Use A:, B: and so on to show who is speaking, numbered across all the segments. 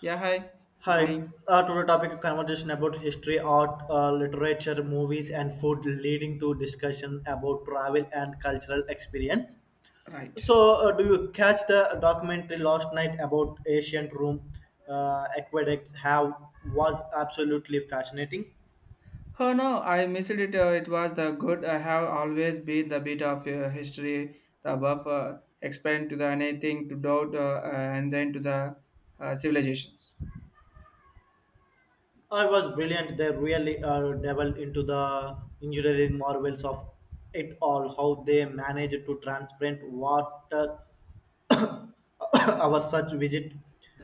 A: Yeah, hi.
B: Hi,
A: Going
B: today topic of conversation about history, art, literature, movies, and food, leading to discussion about travel and cultural experience.
A: right.
B: So, do you catch the documentary last night about ancient Rome aqueducts? How was absolutely fascinating.
A: Oh no, I missed it. It was the good. I have always been the bit of history, the buffer, expand to the anything to doubt, and then to the civilizations.
B: I was brilliant. They really delved into the engineering marvels of it all, how they managed to transparent water our such visit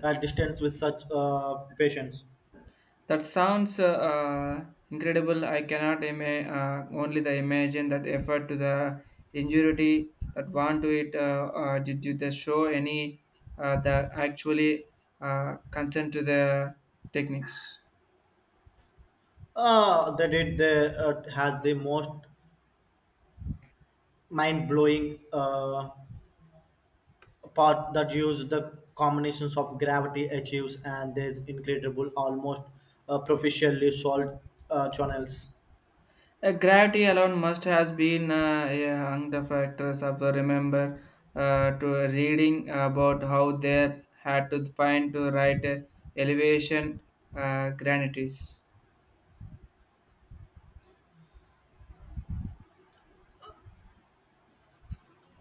B: distance with such patients.
A: That sounds uh, incredible. I cannot only the imagine that effort to the ingenuity that want to it. Did you the show any that actually concern to the techniques?
B: That it they, has the most mind-blowing uh, part that use the combinations of gravity achieves and there's incredible almost proficiently solved channels.
A: Gravity alone must has been yeah, among the factors of the remember to reading about how they had to find to write elevation granities.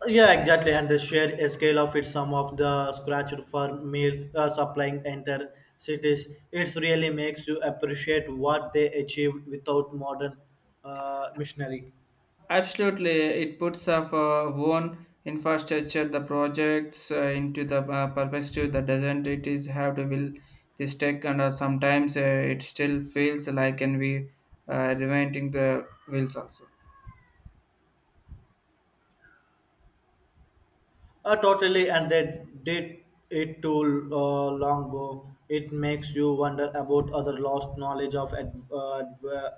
B: Yeah, exactly. And they share a scale of it. Some of the scratch for meals supplying enter cities. It really makes you appreciate what they achieved without modern machinery.
A: Absolutely, it puts of own infrastructure the projects into the perspective that doesn't it is have to will this tech and sometimes it still feels like and we reinventing the wheels also.
B: Totally, and they did it too long ago. It makes you wonder about other lost knowledge of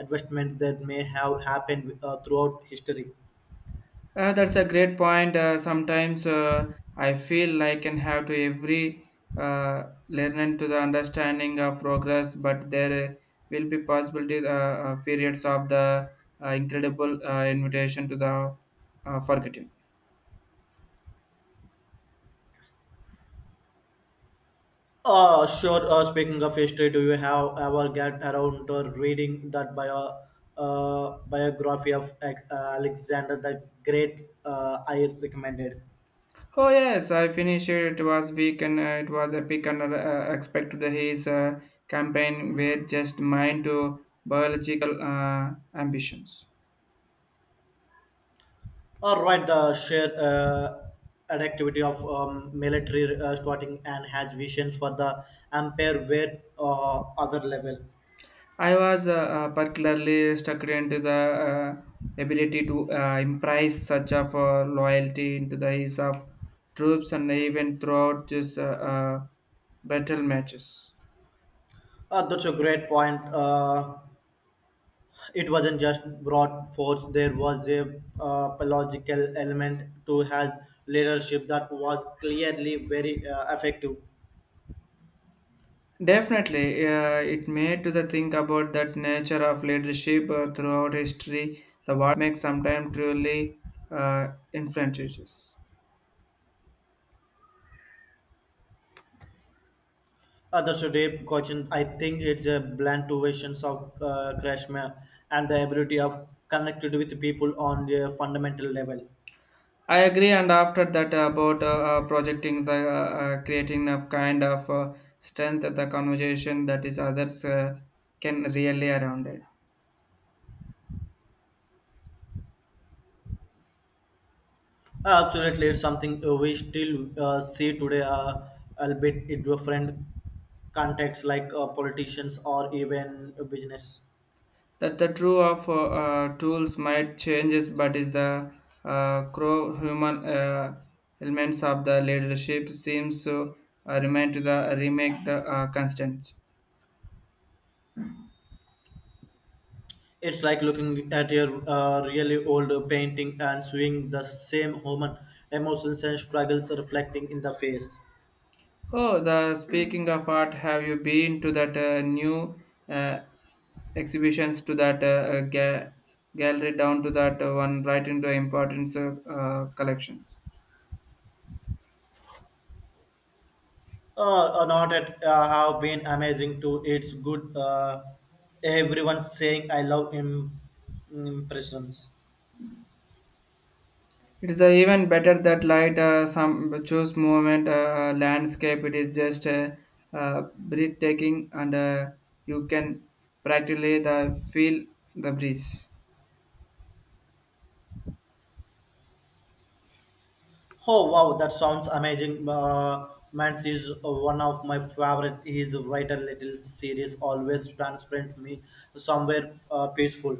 B: investment that may have happened throughout history.
A: That's a great point. Sometimes I feel like can have to every learning to the understanding of progress, but there will be possibility periods of the incredible invitation to the forgetting.
B: Sure. Speaking of history, do you have ever get around to reading that biography of Alexander the Great? I recommended.
A: Oh yes, I finished it. It was week and it was epic and expected his campaign were just mine to biological ambitions.
B: All right, the sheer activity of military starting and has visions for the empire where other level.
A: I was particularly stuck into the ability to impress such of loyalty into the eyes of troops and even throughout this battle matches.
B: That's a great point. It wasn't just brought forth. There was a biological element to his leadership that was clearly very effective.
A: Definitely, it made to the think about that nature of leadership throughout history. The what makes sometimes truly influential.
B: That's a deep question. I think it's a blend to visions of Krishna and the ability of connected with people on a fundamental level.
A: I agree, and after that, about projecting the creating a kind of strength at the conversation that is others can really around it.
B: Absolutely, it's something we still see today, albeit in different contexts like politicians or even business.
A: That the true of tools might changes, but is the crow human elements of the leadership seems to remain to the remake the constant.
B: It's like looking at a really old painting and seeing the same human emotions and struggles reflecting in the face.
A: Oh, the speaking of art, have you been to that new uh, exhibitions to that gallery down to that one right into importance collections?
B: Not at have been amazing too. It's good. Everyone saying I love impressions.
A: It's the even better that light some choose movement landscape. It is just breathtaking, and you can practically the feel the breeze.
B: Oh wow, that sounds amazing. Mance is one of my favorite. His writer little series always transplant me somewhere peaceful.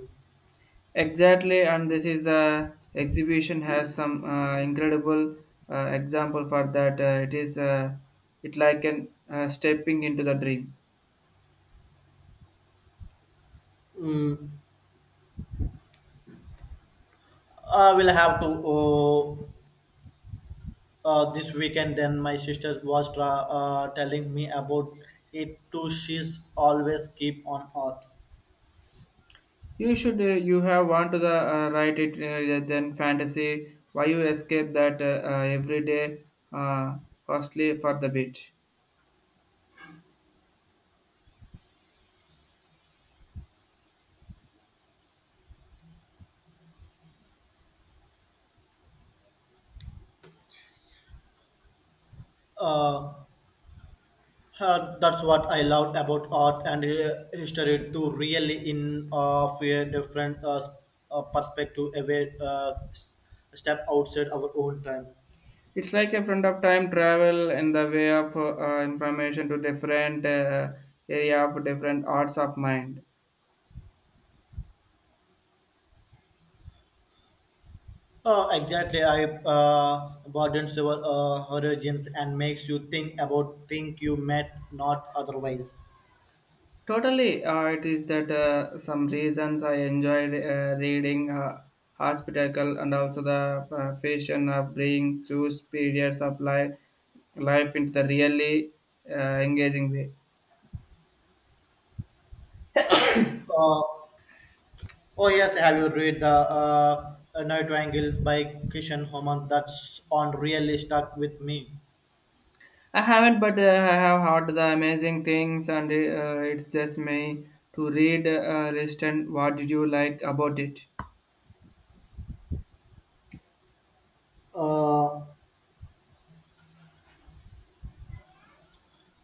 A: Exactly, and this is the exhibition has some incredible example for that. It is it like an stepping into the dream.
B: Mm, I will have to uh, this weekend. Then my sister was telling me about it too. She's always keep on earth.
A: You should you have want to the write it yeah, then fantasy. Why you escape that every day uh, costly for the bit.
B: Uh, that's what I loved about art and history to really in of a different perspective, away step outside our own time.
A: It's like a friend of time travel in the way of information to different area of different arts of mind.
B: Exactly, I broadens your horizons and makes you think about things you might not otherwise.
A: Totally, it is that some reasons I enjoyed reading Hospitacle and also the fashion of bringing choose periods of life into the really uh, engaging way.
B: Uh, oh yes, have you read the Night Angles by Kishan Homan? That's on really stuck with me.
A: I haven't, but I have heard the amazing things, and it's just me to read. Reston, what did you like about it?
B: Uh,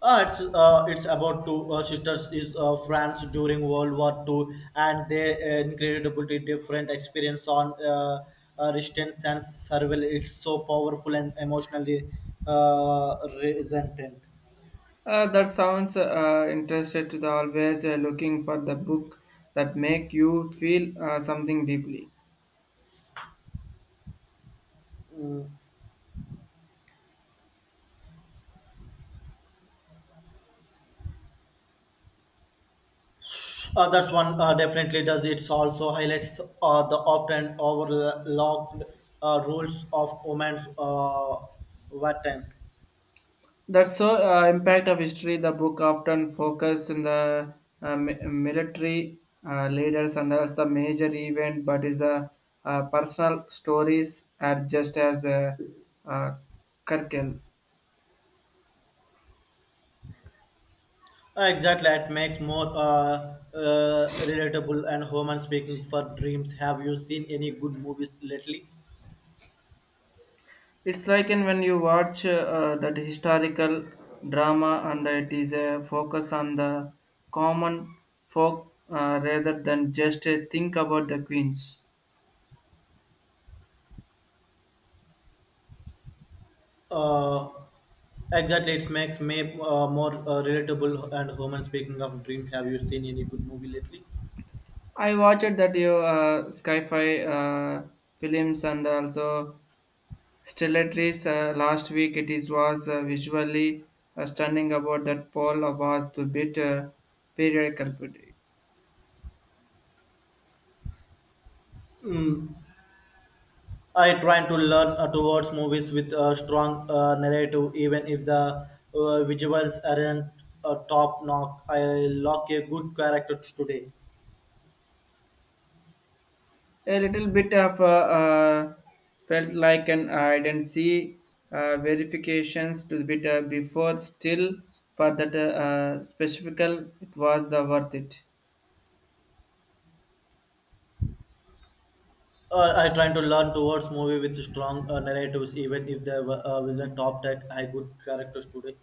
B: It's about two sisters is France during World War Two, and they incredibly different experience on resistance and survival. It's so powerful and emotionally uh, resonant.
A: That sounds interested to the always looking for the book that make you feel something deeply.
B: That's one definitely does. It's also highlights the often overlooked roles of women's wartime.
A: That's so impact of history. The book often focuses on the military leaders and as the major event, but is the personal stories are just as a uh, uh, curricle.
B: Exactly, it makes more relatable and human speaking for dreams. Have you seen any good movies lately?
A: It's like in when you watch that historical drama, and it is a focus on the common folk rather than just think about the queens.
B: Uh, exactly, it makes me more relatable and human speaking of dreams. Have you seen any good movie lately?
A: I watched that you sci-fi films and also Stellaris last week. It is was visually stunning about that Paul was the bit period culprit.
B: Mm. I trying to learn towards movies with a strong narrative, even if the visuals aren't top knock. I like a good character today.
A: A little bit of felt like an I didn't see verifications to the bit before still for that specifical it was the worth it.
B: I trying to learn towards movie with strong narratives, even if they were with a top tech, I good characters today.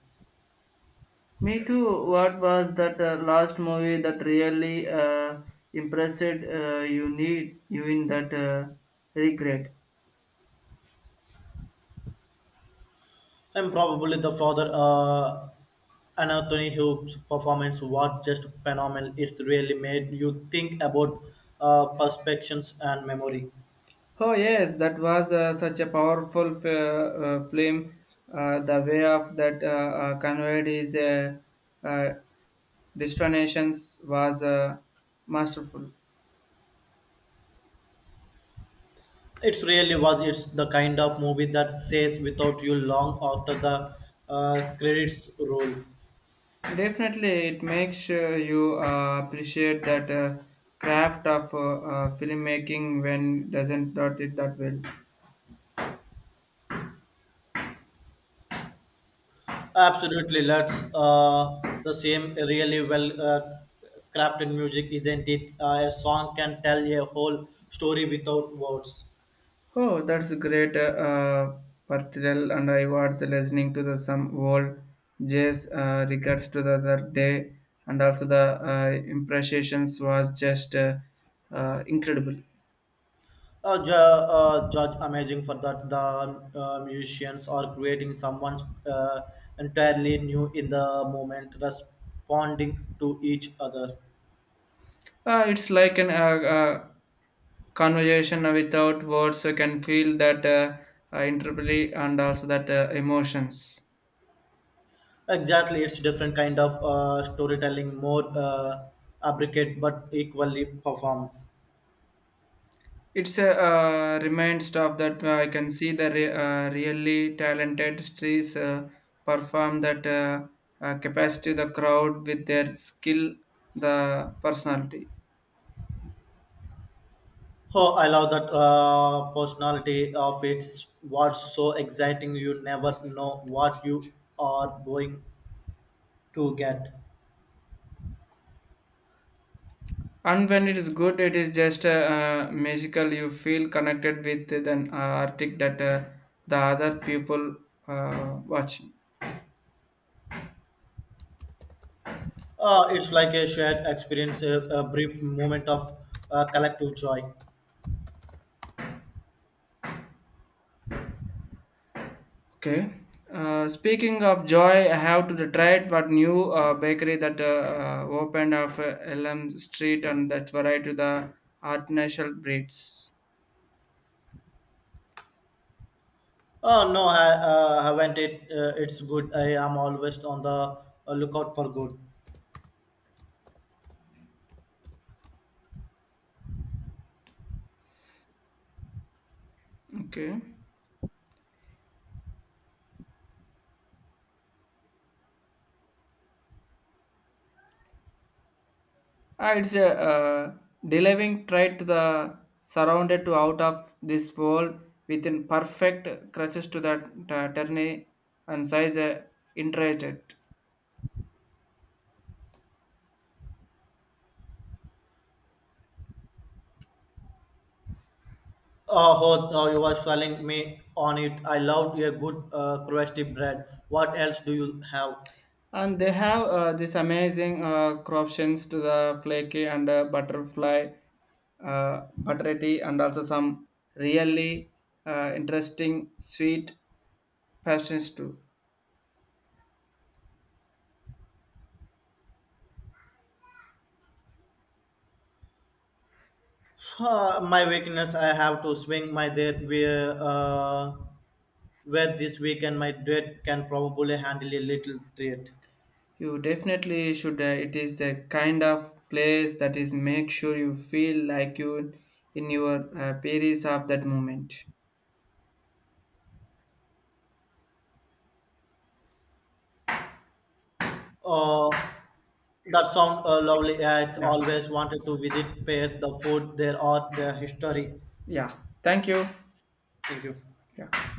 A: Me too. What was that last movie that really impressed you need you in that regret?
B: I'm probably the father Anthony Hughes performance was just phenomenal. It's really made you think about perspectives and memory.
A: Oh yes, that was such a powerful film. The way of that conveyed his uh, destinations was masterful.
B: It really was. It's the kind of movie that stays without you long after the credits roll.
A: Definitely, it makes you appreciate that craft of filmmaking when doesn't dot it that well.
B: Absolutely, that's the same really well crafted music, isn't it? A song can tell a whole story without words.
A: Oh, that's great, and I was listening to the some old jazz records to the other day, and also the impressions was just incredible.
B: Judge amazing for that. The musicians are creating someone's uh, entirely new in the moment, responding to each other.
A: It's like an conversation without words. So you can feel that interplay and also that emotions.
B: Exactly, it's different kind of storytelling, more abricate but equally performed.
A: It's a remind stuff that I can see the really talented streets perform that capacity the crowd with their skill, the personality.
B: Oh, I love that personality of it. What's so exciting, you never know what you are going to get.
A: And when it is good, it is just magical. You feel connected with an artist that the other people watching.
B: It's like a shared experience, a brief moment of collective joy.
A: Okay. Speaking of joy, I have to try it. What new bakery that opened off Elm Street and that's variety to the artificial breeds.
B: Oh, no, I haven't it. It's good. I am always on the lookout for good.
A: Okay. Ah, it's a delivering try to the surrounded to out of this world within perfect crushes to the terni and size interested.
B: Oh, oh, you are selling me on it. I love a good crusty bread. What else do you have?
A: And they have this amazing corruptions to the flaky and butterfly buttery and also some really interesting sweet passions too.
B: My weakness, I have to swing my dead where this weekend my dead can probably handle a little treat.
A: You definitely should, it is the kind of place that is make sure you feel like you in your periods of that moment.
B: Uh, that sound lovely. I
A: Yeah,
B: always wanted to visit Paris, the food there, or their history.
A: yeah, thank you,
B: Thank you.
A: yeah.